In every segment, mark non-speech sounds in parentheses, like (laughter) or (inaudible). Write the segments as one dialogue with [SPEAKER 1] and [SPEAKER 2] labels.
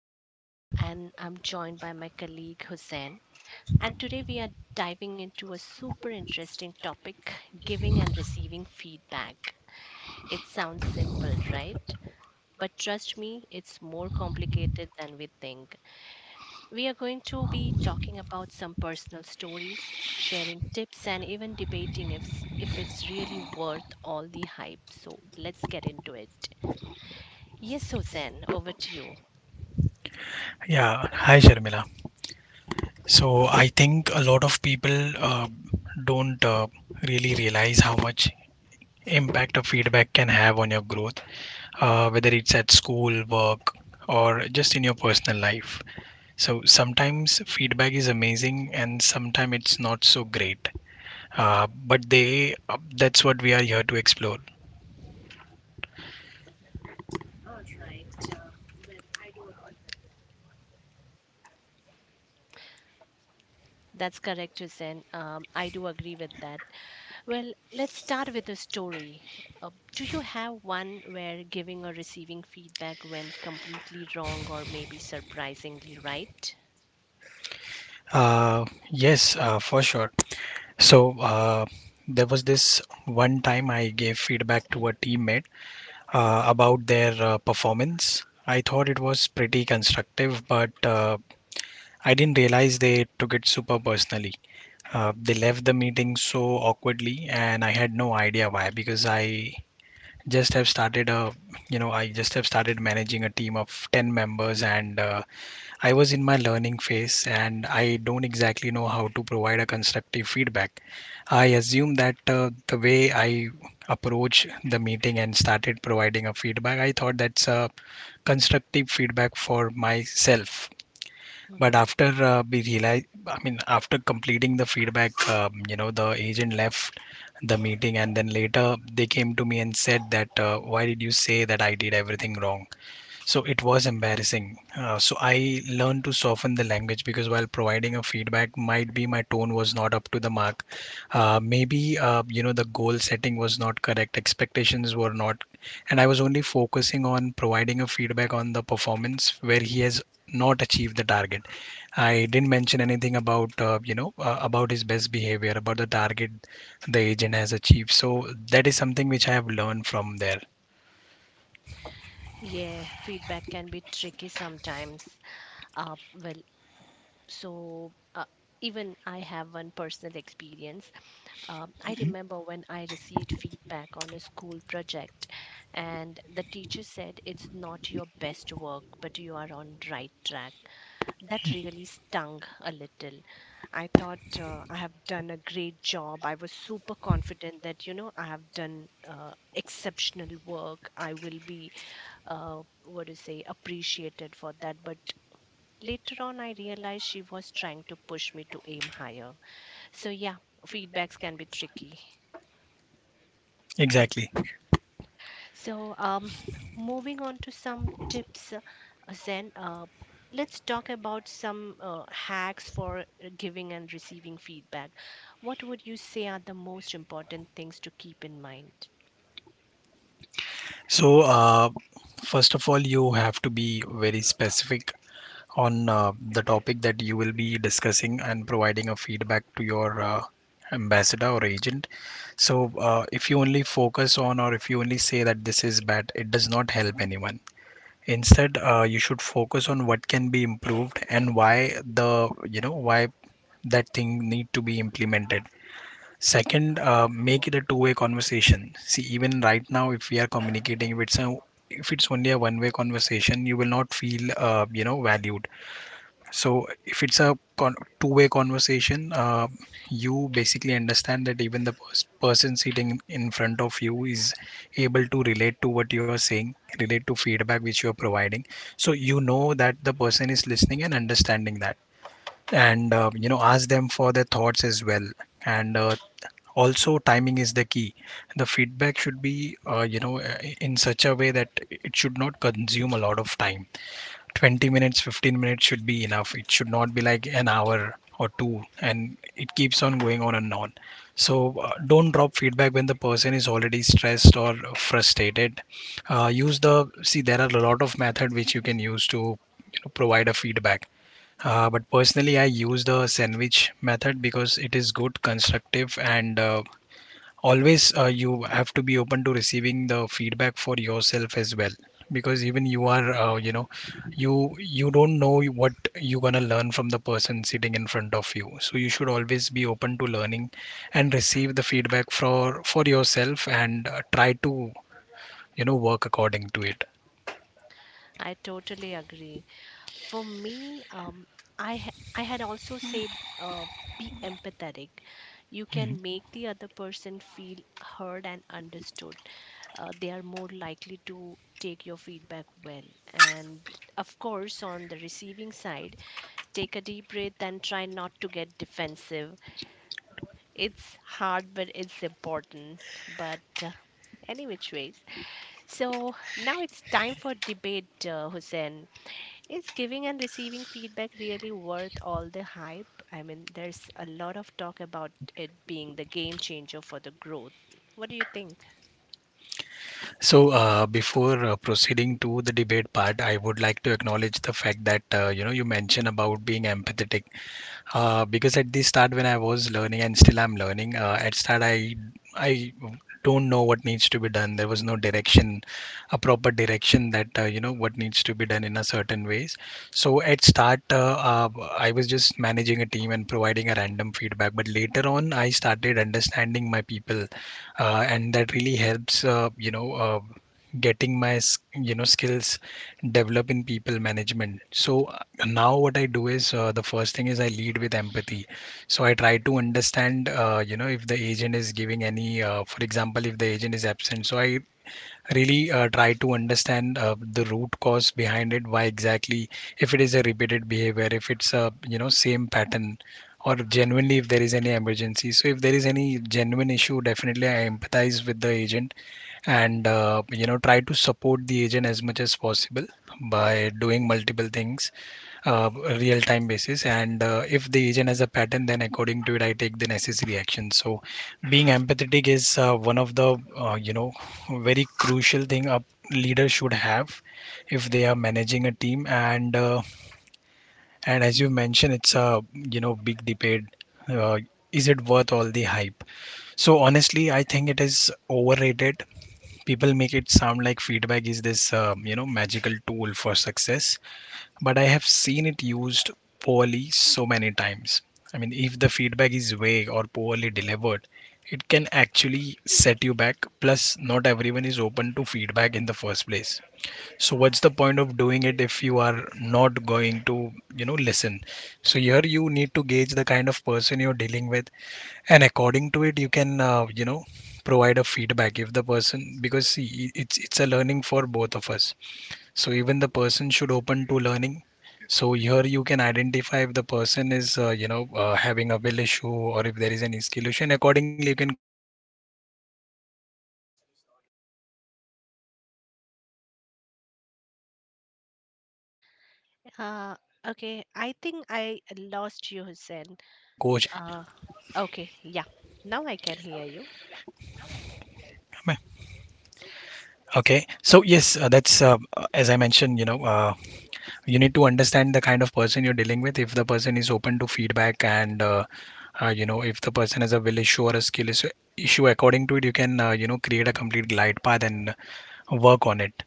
[SPEAKER 1] I'm Sharmila and I'm joined by my colleague Hussein. And today we are diving into a super interesting topic giving and receiving feedback. It sounds simple, right? But trust me, it's more complicated than we think. We are going to be talking about some personal stories, sharing tips, and even debating if it's really worth all the hype. So let's get into it. Yes, Susan, over to you.
[SPEAKER 2] Yeah, hi Sharmila. So I think a lot of people don't really realize how much impact of feedback can have on your growth, whether it's at school, work, or just in your personal life. So sometimes feedback is amazing, and sometimes it's not so great. But they that's what we are here to explore.
[SPEAKER 1] That's correct, Susan. I do agree with that. Well, let's start with a story. Do you have one where giving or receiving feedback went completely wrong or maybe surprisingly right?
[SPEAKER 2] Uh, yes, for sure. So there was this one time I gave feedback to a teammate about their performance. I thought it was pretty constructive, but I didn't realize they took it super personally. They left the meeting so awkwardly, and I had no idea why because just have started a I just have started managing a team of 10 members and I was in my learning phase and I don't exactly know how to provide a constructive feedback. I assume that the way I approach the meeting and started providing a feedback, I thought that's a constructive feedback for myself. But
[SPEAKER 1] Hmm.
[SPEAKER 2] after we realized, I mean, after completing the feedback, the agent left the meeting and then later they came to me and said that, why did you say that I did everything wrong? So it was embarrassing. So I learned to soften the language because while providing a feedback, might be my tone was not up to the mark. Maybe the goal setting was not correct, expectations were not, and I was only focusing on providing a feedback on the performance where he has not achieved the target. I didn't mention anything about about his best behavior, about the target the agent has achieved. So that is something which I have learned from there.
[SPEAKER 1] Yeah, feedback can be tricky sometimes. Uh, well, so uh, Even I have one personal experience. I remember when I received feedback on a school project, and the teacher said, It's not your best work, but you are on right track. That really stung a little. I thought I have done a great job. I was super confident that, you know, I have done exceptional work. I will be, what do you say, appreciated for that. But later on, I realized she was trying to push me to aim higher. So, yeah, feedbacks can be tricky.
[SPEAKER 2] Exactly.
[SPEAKER 1] So, moving on to some tips, Zen, let's talk about some hacks for giving and receiving feedback. What would you say are the most important things to keep in mind?
[SPEAKER 2] So, first of all, you have to be very specific on the topic that you will be discussing and providing a feedback to your ambassador or agent. So, if you only focus on or if you only say that this is bad, it does not help anyone. Instead, you should focus on what can be improved and why the you know why that thing need to be implemented. Second, make it a two-way conversation. See, even right now, if we are communicating, if it's only a one-way conversation, you will not feel valued. So, if it's a two-way conversation, you basically understand that even the person sitting in front of you is able to relate to what you are saying, relate to feedback which you are providing. So you know that the person is listening and understanding that, and ask them for their thoughts as well. And also timing is the key. The feedback should be in such a way that it should not consume a lot of time. 20 minutes, 15 minutes should be enough. It should not be like an hour or two and it keeps on going on and on. So don't drop feedback when the person is already stressed or frustrated. Use the see, there are a lot of method which you can use to, you know, provide a feedback. But personally, I use the sandwich method because it is good, constructive, and always you have to be open to receiving the feedback for yourself as well. Because even you are, you don't know what you're gonna learn from the person sitting in front of you. So you should always be open to learning and receive the feedback for yourself and try to, you know, work according to it.
[SPEAKER 1] I totally agree. For me, I had also say uh, be empathetic. You can make the other person feel heard and understood. They are more likely to take your feedback well. And of course, on the receiving side, take a deep breath and try not to get defensive. It's hard, but it's important. But any which ways. So now it's time for debate, Hussein. Is giving and receiving feedback really worth all the hype? I mean, there's a lot of talk about it being the game changer for the growth. What do you think?
[SPEAKER 2] So, before proceeding to the debate part, I would like to acknowledge the fact that you mentioned about being empathetic. Because at the start, when I was learning and still I'm learning, at start I don't know what needs to be done. There was no direction, a proper direction that what needs to be done in a certain ways. So at start, I was just managing a team and providing a random feedback. But later on, I started understanding my people, and that really helps. Getting my skills develop in people management. So now what I do is, the first thing is I lead with empathy. So I try to understand, if the agent is giving any, for example, if the agent is absent, so I really try to understand the root cause behind it, why exactly. If it is a repeated behavior, if it's a, you know, same pattern, or genuinely if there is any emergency. So if there is any genuine issue, definitely I empathize with the agent, and try to support the agent as much as possible by doing multiple things, uh, real time basis. And if the agent has a pattern, then according to it I take the necessary action. So being empathetic is one of the very crucial thing a leader should have if they are managing a team. And as you mentioned, it's a, you know, big debate. uh, is it worth all the hype? So honestly I think it is overrated. People make it sound like feedback is this, magical tool for success, but I have seen it used poorly so many times. I mean, if the feedback is vague or poorly delivered, it can actually set you back. Plus, not everyone is open to feedback in the first place. So, what's the point of doing it if you are not going to, you know, listen? So, here you need to gauge the kind of person you're dealing with, and according to it, you can, provide a feedback if the person, because see, it's a learning for both of us. So even the person should open to learning. So here you can identify if the person is, having a will issue or if there is an skill issue, and accordingly you can coach and provide a feedback. But if the person is not ready to listen, then hello, am I audible?
[SPEAKER 1] Uh, okay, I think I lost you, Hussein. Uh, okay, yeah, now I can hear you.
[SPEAKER 2] Okay. So yes, that's as I mentioned, you know, you need to understand the kind of person you're dealing with if the person is open to feedback, and if the person has a will issue or a skill issue according to it you can, create a complete glide path and work on it.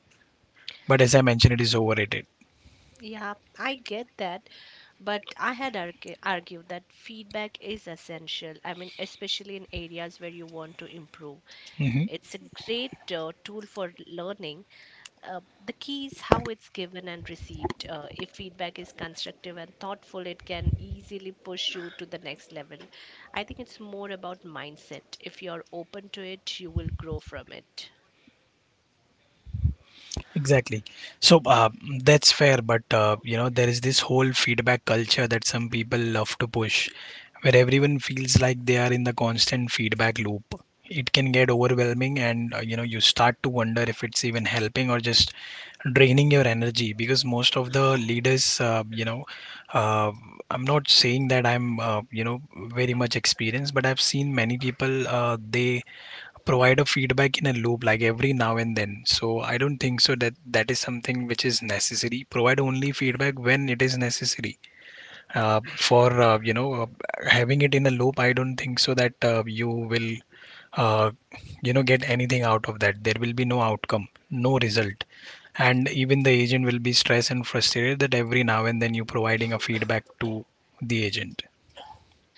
[SPEAKER 2] But as I mentioned, it is overrated.
[SPEAKER 1] Yeah, I get that, but I had argued that feedback is essential. I mean, especially in areas where you want to improve.
[SPEAKER 2] Hmm.
[SPEAKER 1] It's a great tool for learning, the key is how it's given and received. If feedback is constructive and thoughtful, it can easily push you to the next level. I think it's more about mindset. If you're open to it, you will grow from it.
[SPEAKER 2] Exactly. So that's fair, but there is this whole feedback culture that some people love to push, where everyone feels like they are in the constant feedback loop. It can get overwhelming, and you start to wonder if it's even helping or just draining your energy. Because most of the leaders, uh, I'm not saying that I'm, very much experienced, but I've seen many people they provide a feedback in a loop like every now and then. So I don't think so that that is something which is necessary. Provide only feedback when it is necessary. For you know having it in a loop, I don't think so that you will, uh, get anything out of that. There will be no outcome, no result. And even the agent will be stressed and frustrated that every now and then you providing a feedback to the agent.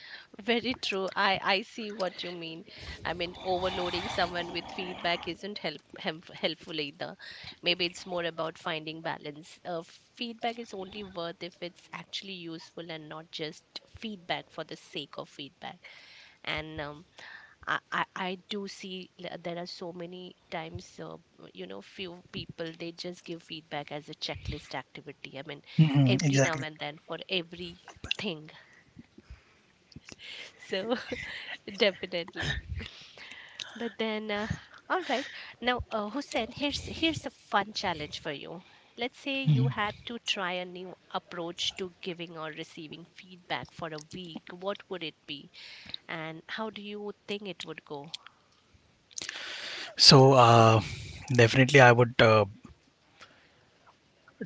[SPEAKER 1] (laughs) Very true. I see what you mean. I mean, overloading someone with feedback isn't helpful either. Maybe it's more about finding balance. Feedback is only worth if it's actually useful and not just feedback for the sake of feedback. And I do see. There are so many times, you know, few people they just give feedback as a checklist activity. I mean, every now and then for everything. So (laughs) definitely. But then, all right. Now, Hussein, here's a fun challenge for you. Let's say you had to try a new approach to giving or receiving feedback for a week. What would it be, and how do you think it would go?
[SPEAKER 2] So definitely I would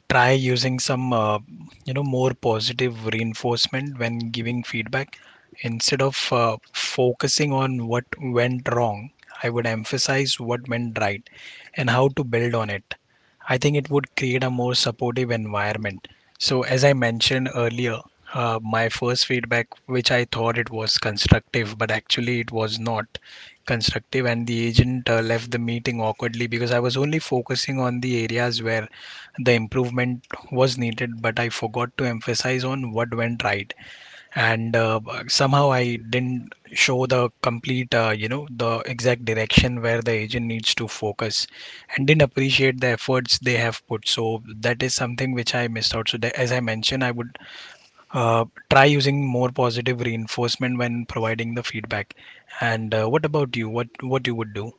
[SPEAKER 2] try using some, more positive reinforcement when giving feedback. Instead of focusing on what went wrong, I would emphasize what went right and how to build on it. I think it would create a more supportive environment. So as I mentioned earlier, my first feedback which I thought it was constructive but actually it was not constructive, and the agent left the meeting awkwardly because I was only focusing on the areas where the improvement was needed, but I forgot to emphasize on what went right. And somehow I didn't show the complete the exact direction where the agent needs to focus and didn't appreciate the efforts they have put. So that is something which I missed out. So that, as I mentioned, I would uh, try using more positive reinforcement when providing the feedback. And what about you, what you would do?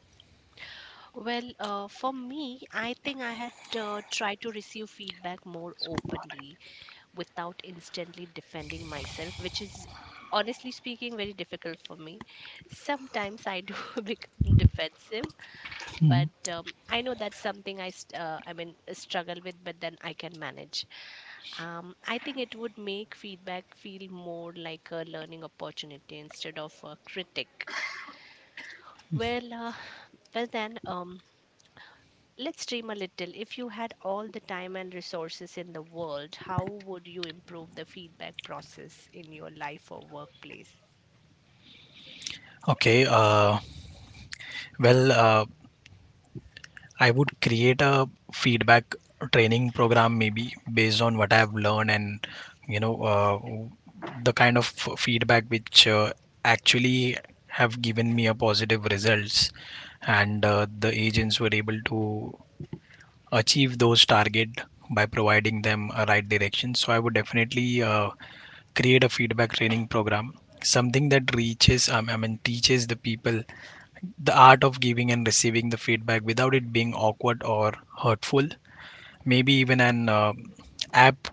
[SPEAKER 1] Well, for me, I think I had tried to receive feedback more openly without instantly defending myself, which is honestly speaking very difficult for me. Sometimes I do (laughs) become defensive, but I know that's something I struggle with, but then I can manage. I think it would make feedback feel more like a learning opportunity instead of a critic. Well, (sighs) well then, let's dream a little. If you had all the time and resources in the world, how would you improve the feedback process in your life or workplace?
[SPEAKER 2] Okay, well, uh, I would create a feedback training program maybe based on what I have learned and, you know, the kind of feedback which actually have given me a positive results, and the agents were able to achieve those target by providing them a right direction. So I would definitely create a feedback training program, something that reaches I mean teaches the people the art of giving and receiving the feedback without it being awkward or hurtful. Maybe even an app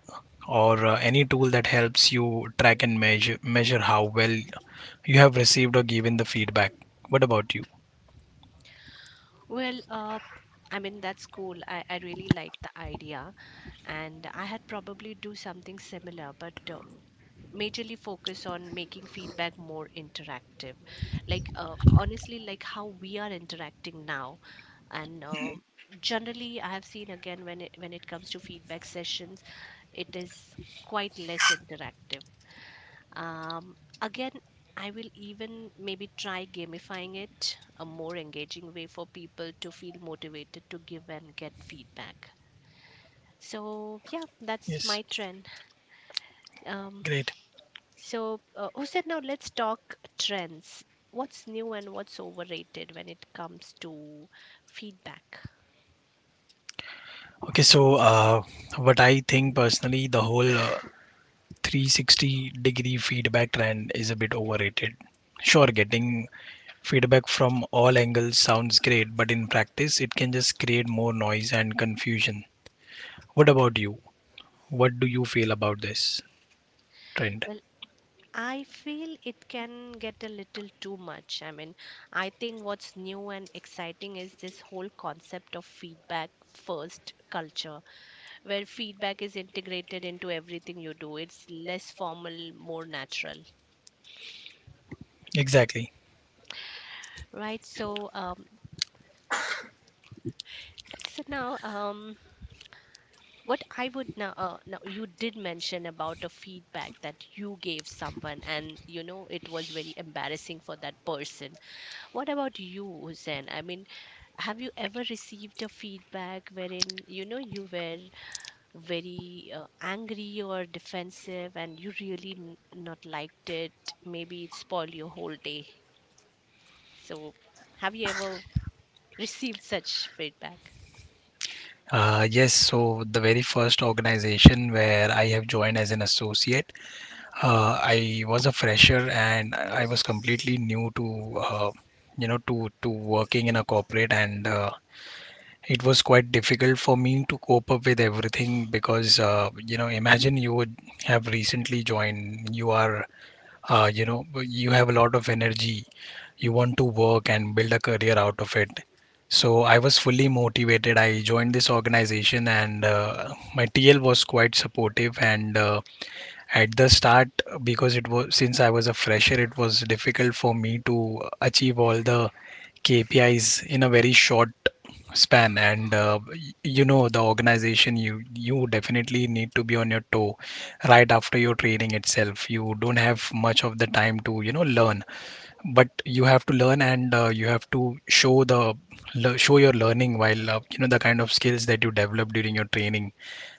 [SPEAKER 2] or any tool that helps you track and measure how well you have received or given the feedback. What about you?
[SPEAKER 1] Well, I mean, that's cool. I really like the idea, and I had probably do something similar, but majorly focus on making feedback more interactive. Like, honestly, like how we are interacting now, and generally, I have seen again when it comes to feedback sessions it is quite less interactive. Again, I will even maybe try gamifying it, a more engaging way for people to feel motivated to give and get feedback. So, yeah, that's
[SPEAKER 2] Yes.
[SPEAKER 1] my trend. Um,
[SPEAKER 2] Great.
[SPEAKER 1] so, Hussein, now let's talk trends. What's new and what's overrated when it comes to feedback?
[SPEAKER 2] Okay, so uh, what I think personally, the whole 360-degree feedback trend is a bit overrated. Sure, getting feedback from all angles sounds great, but in practice, it can just create more noise and confusion. What about you? What do you feel about this trend?
[SPEAKER 1] Well, I feel it can get a little too much. I mean, I think what's new and exciting is this whole concept of feedback first culture, where feedback is integrated into everything you do. It's less formal, more natural,
[SPEAKER 2] Exactly.
[SPEAKER 1] right? So, so now, what I would now, now you did mention about a feedback that you gave someone, and you know it was very embarrassing for that person. What about you, Hussein? I mean, have you ever received a feedback wherein you know you were very angry or defensive and you really not liked it? Maybe it spoiled your whole day. So, have you ever received such feedback?
[SPEAKER 2] Yes, so the very first organization where I have joined as an associate, I was a fresher and I was completely new to, to working in a corporate, and it was quite difficult for me to cope up with everything, because imagine you would have recently joined, you are uh, you know you have a lot of energy, you want to work and build a career out of it. So I was fully motivated, I joined this organization, and my TL was quite supportive. And at the start, because it was, since I was a fresher, it was difficult for me to achieve all the KPIs in a very short span. And you know, the organization, you definitely need to be on your toe right after your training itself. You don't have much of the time to you know learn, but you have to learn. And you have to show the show your learning while you know, the kind of skills that you develop during your training,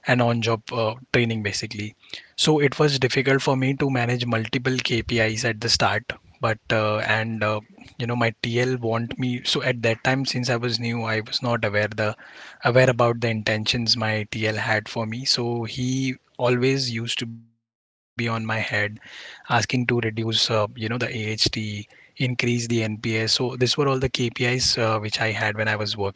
[SPEAKER 2] and on job training basically. So it was difficult for me to manage multiple KPIs at the start. But and You know, my TL want me, so at that time, since I was new, I was not aware the aware about the intentions my TL had for me. So he always used to be on my head, asking to reduce you know the AHT, increase the NPS. So these were all the KPIs which I had when I was working.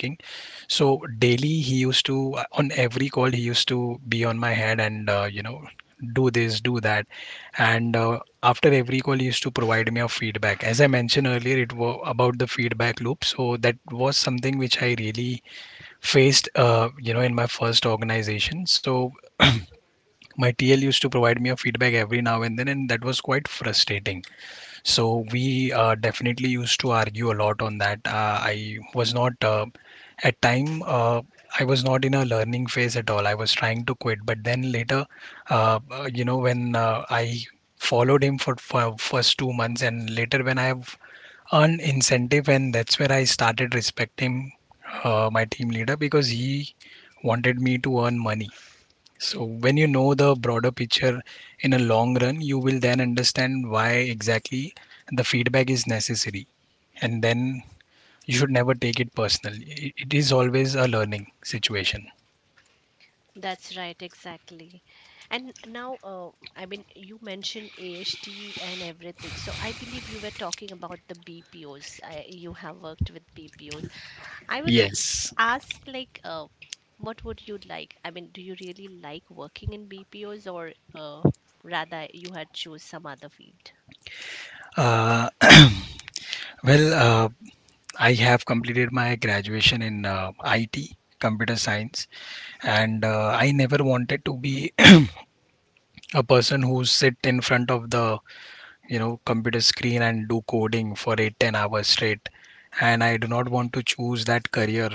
[SPEAKER 2] So daily he used to on every call he used to be on my head, and you know, do this, do that. And after every call he used to provide me a feedback. As I mentioned earlier, it was about the feedback loop, so that was something which I really faced you know, in my first organization. So my TL used to provide me a feedback every now and then, and that was quite frustrating. So we definitely used to argue a lot on that. I was not at time. I was not in a learning phase at all. I was trying to quit, but then later, when I followed him for first 2 months, and later when I have earned incentive, and that's where I started respecting my team leader, because he wanted me to earn money. So when you know the broader picture in a long run, you will then understand why exactly the feedback is necessary. And then you should never take it personal. It is always a learning situation.
[SPEAKER 1] That's right, exactly. And now, I mean, you mentioned AHT and everything. So I believe you were talking about the BPOs. You have worked with BPOs. I would
[SPEAKER 2] Yes.
[SPEAKER 1] ask like what would you like? I mean, do you really like working in BPOs or rather you had choose some other field?
[SPEAKER 2] Uh, (clears throat) well, uh, I have completed my graduation in IT, computer science, and I never wanted to be (clears throat) a person who sit in front of the you know computer screen and do coding for 8 10 hours straight. And I do not want to choose that career,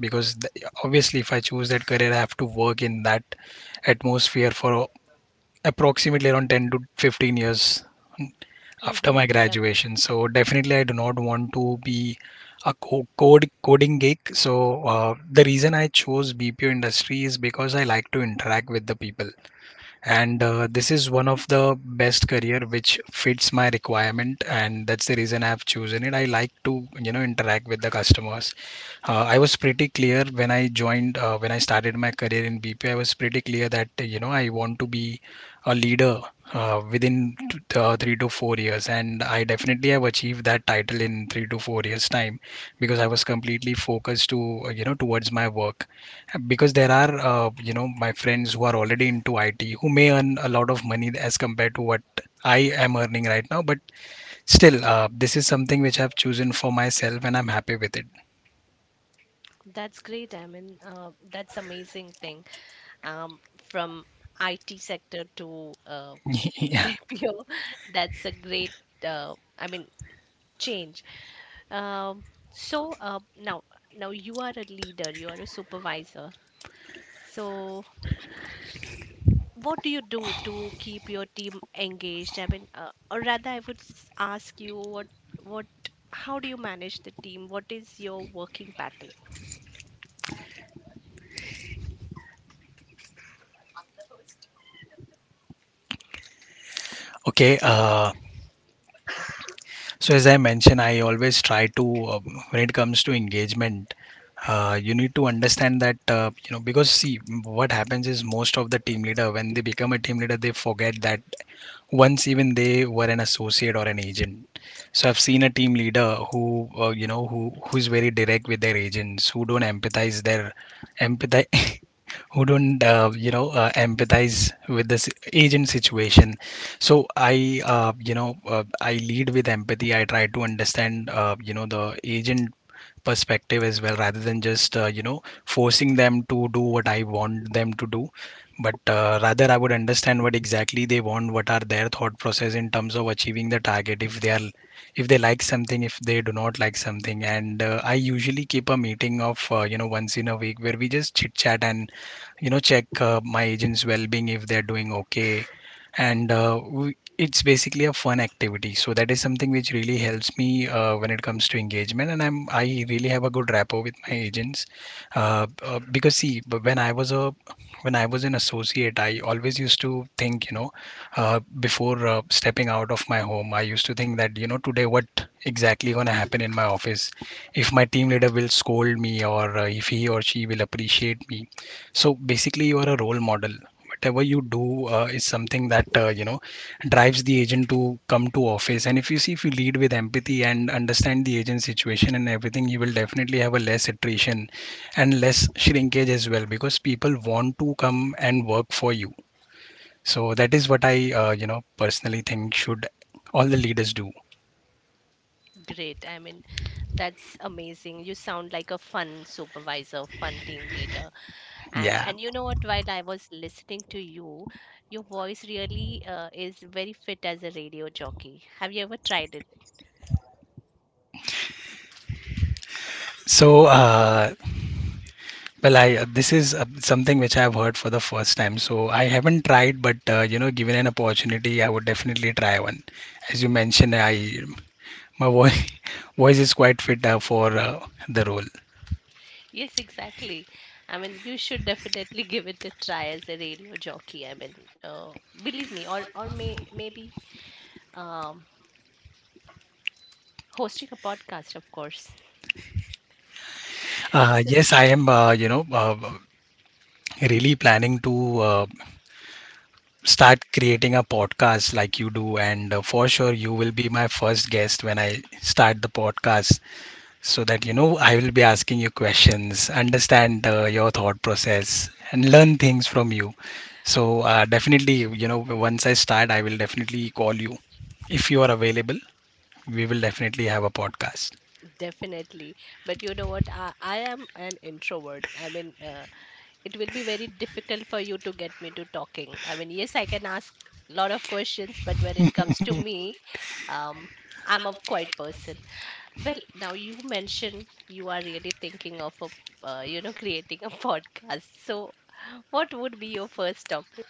[SPEAKER 2] because obviously if I choose that career, I have to work in that atmosphere for approximately around 10 to 15 years after
[SPEAKER 1] Mm-hmm.
[SPEAKER 2] my
[SPEAKER 1] Yep,
[SPEAKER 2] graduation. So definitely I do not want to be a co- code coding geek. So the reason I chose BPO industry is because I like to interact with the people. And this is one of the best career which fits my requirement, and that's the reason I've chosen it. I like to you know interact with the customers. I was pretty clear when I joined, when I started my career in BP, I was pretty clear that you know I want to be a leader within 3 to 4 years, and I definitely have achieved that title in 3 to 4 years time, because I was completely focused to you know towards my work. Because there are you know, my friends who are already into IT, who may earn a lot of money as compared to what I am earning right now, but still this is something which I've chosen for myself, and I'm happy with it.
[SPEAKER 1] that's great. I mean, that's amazing thing. From IT sector to
[SPEAKER 2] (laughs)
[SPEAKER 1] (laughs)
[SPEAKER 2] Yeah.
[SPEAKER 1] BPO, that's a great. I mean, change. Um, so now, now you are a leader. You are a supervisor. So what do you do to keep your team engaged? I mean, or rather, ask you what how do you manage the team? What is your working pattern?
[SPEAKER 2] okay uh, so as I mentioned, I always try to when it comes to engagement, you need to understand that you know, because see, what happens is most of the team leader, when they become a team leader, they forget that once even they were an associate or an agent. So I've seen a team leader who you know, who's very direct with their agents, who don't empathize (laughs) who don't empathize with this agent situation. So I I lead with empathy. I try to understand you know the agent perspective as well, rather than just you know forcing them to do what I want them to do. But rather I would understand what exactly they want, what are their thought process in terms of achieving the target, if they are, if they like something, if they do not like something. And I usually keep a meeting of you know once in a week, where we just chit chat and you know check my agent's well-being, if they're doing okay. And it's basically a fun activity. So that is something which really helps me when it comes to engagement, and I really have a good rapport with my agents. Because see, when I was a, when I was an associate, I always used to think you know uh, before stepping out of my home, I used to think that you know today what exactly going to happen in my office, if my team leader will scold me, or if he or she will appreciate me. So basically, you are a role model. Whatever you do is something that you know drives the agent to come to office. And if you see, if you lead with empathy and understand the agent situation and everything, you will definitely have a less attrition and less shrinkage as well, because people want to come and work for you. So that is what I you know personally think should all the leaders do.
[SPEAKER 1] Great. I mean, that's amazing. You sound like a fun supervisor, fun team leader. And
[SPEAKER 2] Yeah.
[SPEAKER 1] you know what? While I was listening to you, your voice really is very fit as a radio jockey. Have you ever tried it?
[SPEAKER 2] So uh, Well, I this is something which I've heard for the first time, so I haven't tried, but you know, given an opportunity, I would definitely try one. As you mentioned, I, my voice (laughs) voice is quite fit for the role.
[SPEAKER 1] Yes, exactly. I mean, you should definitely (laughs) give it a try as a radio jockey. I mean, uh, believe me, or maybe um, hosting a podcast, of course. (laughs) So,
[SPEAKER 2] Yes, I am. Really planning to uh, start creating a podcast like you do. And for sure, you will be my first guest when I start the podcast. So that you know I will be asking you questions, understand your thought process, and learn things from you. So definitely, you know, once I start, I will definitely call you if you are available. We will definitely have a podcast.
[SPEAKER 1] definitely. But you know what? I am an introvert. I mean, it will be very difficult for you to get me to talking. I mean, yes, I can ask a lot of questions, but when it comes to me, um, I'm a quiet person. Well, now you mentioned you are really thinking of a, you know, creating a (laughs) podcast. So, what would be your first topic?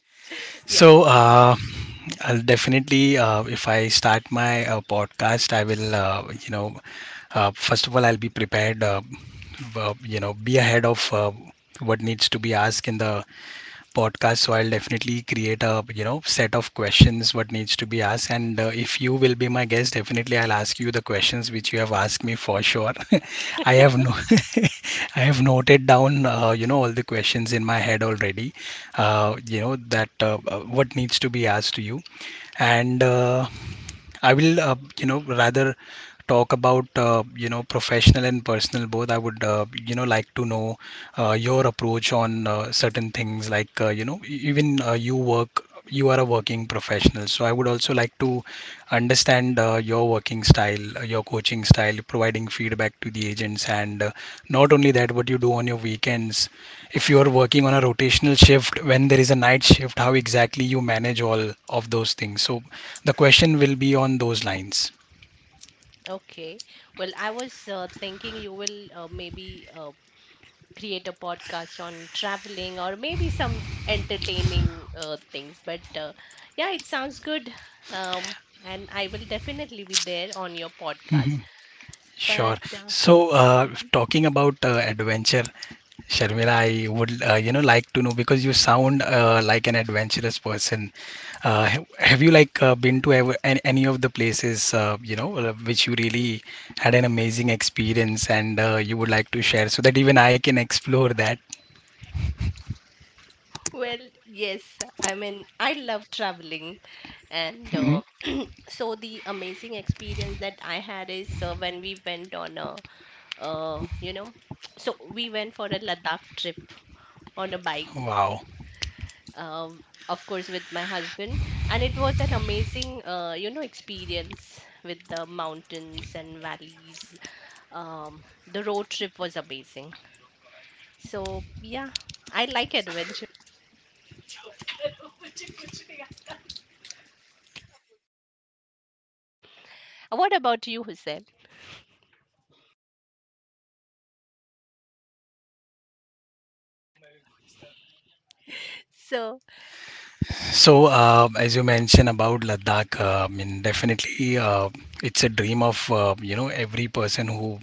[SPEAKER 1] (laughs) Yeah.
[SPEAKER 2] So uh, I'll definitely, if I start my podcast, I will, first of all, I'll be prepared. Be ahead of what needs to be asked in the podcast. So I'll definitely create a you know set of questions what needs to be asked. And if you will be my guest, definitely I'll ask you the questions which you have asked me, for sure. (laughs) I have no (laughs) I have noted down you know all the questions in my head already, you know, that what needs to be asked to you. And I will, rather talk about, professional and personal both. I would, like to know your approach on certain things, like, even you work, you are a working professional. So I would also like to understand your working style, your coaching style, providing feedback to the agents, and not only that, what you do on your weekends. If you are working on a rotational shift, when there is a night shift, how exactly you manage all of those things. So the question will be on those lines.
[SPEAKER 1] Okay. Well, I was thinking you will maybe create a podcast on traveling or maybe some entertaining things. But yeah, it sounds good. Um, and I will definitely be there on your podcast.
[SPEAKER 2] Mhm.
[SPEAKER 1] But
[SPEAKER 2] Sure. So, talking about adventure, Sharmila, I would like to know because you sound like an adventurous person. Have you like been to ever, any of the places which you really had an amazing experience, and you would like to share so that even I can explore that?
[SPEAKER 1] well, yes, I mean, I love traveling and
[SPEAKER 2] Mhm.
[SPEAKER 1] so the amazing experience that I had is when we went on a uh, you know (tsk) so we went for a Ladakh trip on a bike,
[SPEAKER 2] Wow.
[SPEAKER 1] uh, of course with my husband, and it was an amazing experience with the mountains and valleys. um, the road trip was amazing, so yeah, I like adventure. What about you, Hussein? So
[SPEAKER 2] So, as you mentioned about Ladakh, I mean, definitely, it's a dream of every person who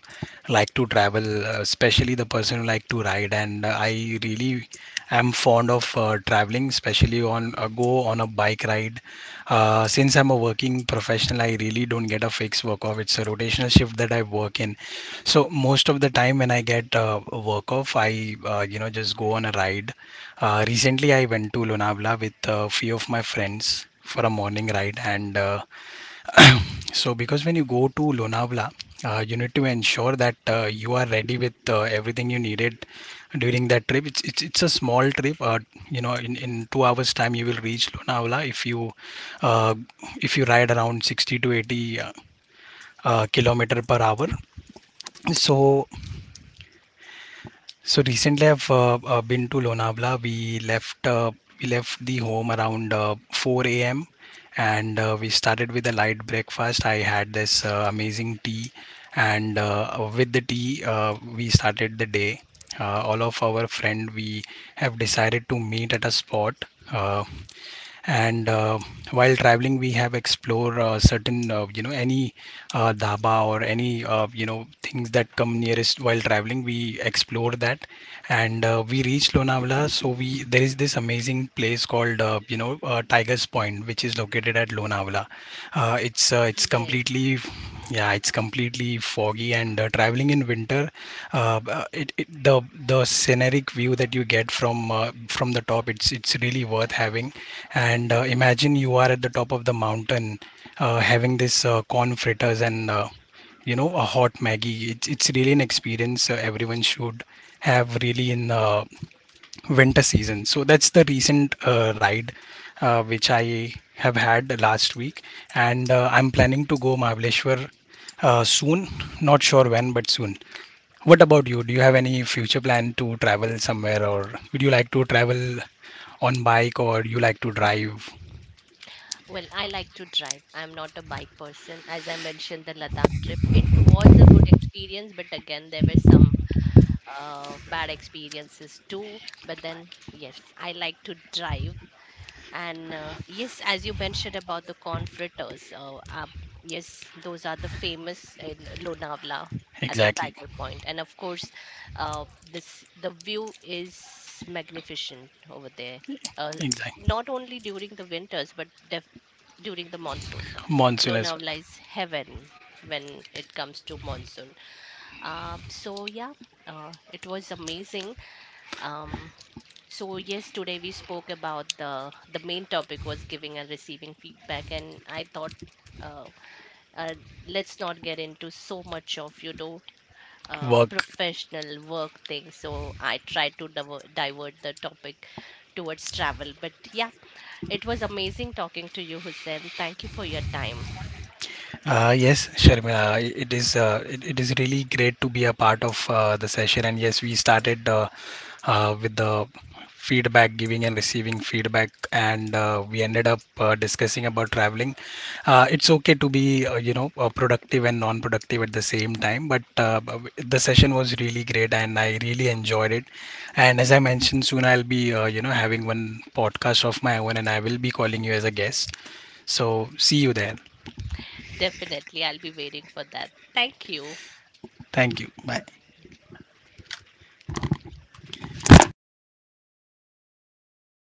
[SPEAKER 2] like to travel, especially the person who like to ride. And I really am fond of traveling, especially on go on a bike ride. Since I'm a working professional, I really don't get a fixed work off. It's a rotational shift that I work in. So most of the time when I get a work off, I just go on a ride. Recently, I went to Lonavala with a few of my friends for a morning ride, and (clears throat) so because when you go to Lonavala, you need to ensure that you are ready with everything you needed during that trip. It's a small trip. In 2 hours time, you will reach Lonavala uh, if you ride around 60 to 80 kilometer per hour. So So recently, I've been to Lonavala. We left the home around 4 a.m. And we started with a light breakfast. I had this amazing tea, and with the tea, we started the day. All of our friend we have decided to meet at a spot. Uh, and while traveling we have explored certain any dhaba or any things that come nearest while traveling we explored that. And we reached Lonavala. So we there is this amazing place called Tiger's Point, which is located at Lonavala. It's
[SPEAKER 1] yes.
[SPEAKER 2] completely Yeah, it's completely foggy, and traveling in winter. Uh, b- uh, it, it the the scenic view that you get from the top, it's really worth having. And imagine you are at the top of the mountain, having this corn fritters and a hot Maggie. It's really an experience everyone should have really in winter season. So that's the recent ride which I have had last week, and I'm planning to go Mahabaleshwar soon. Not sure when, but soon. What about you? Do you have any future plan to travel somewhere, or would you like to travel on bike, or you like to drive?
[SPEAKER 1] Well, I like to drive. I'm not a bike person. As I mentioned, the Ladakh trip, it was a good experience, but again, there were some bad experiences too. But then, yes, I like to drive. And yes, as you mentioned about the confraters, yes, those are the famous in Lonavala at the
[SPEAKER 2] Exactly,
[SPEAKER 1] Tiger Point. And of course, this the view is magnificent over there. Uh,
[SPEAKER 2] exactly.
[SPEAKER 1] Not only during the winters, but def during the monsoon.
[SPEAKER 2] Monsoon as
[SPEAKER 1] Lonavala lies heaven when it comes to monsoon. So yeah, it was amazing. Um, so yes, today we spoke about the main topic was giving and receiving feedback, and I thought. Uh, uh, let's not get into so much of you know
[SPEAKER 2] well. Work.
[SPEAKER 1] professional work things, so I tried to divert the topic towards travel. But yeah, it was amazing talking to you, Hussein. Thank you for your time.
[SPEAKER 2] Yes, Sharmila, it is really great to be a part of the session. And yes, we started with the feedback, giving and receiving feedback, and we ended up discussing about traveling. It's okay to be productive and non-productive at the same time, but the session was really great, and I really enjoyed it. And as I mentioned, soon I'll be having one podcast of my own, and I will be calling you as a guest. So see you there.
[SPEAKER 1] Definitely, I'll be waiting for that. Thank you.
[SPEAKER 2] Thank you. Bye.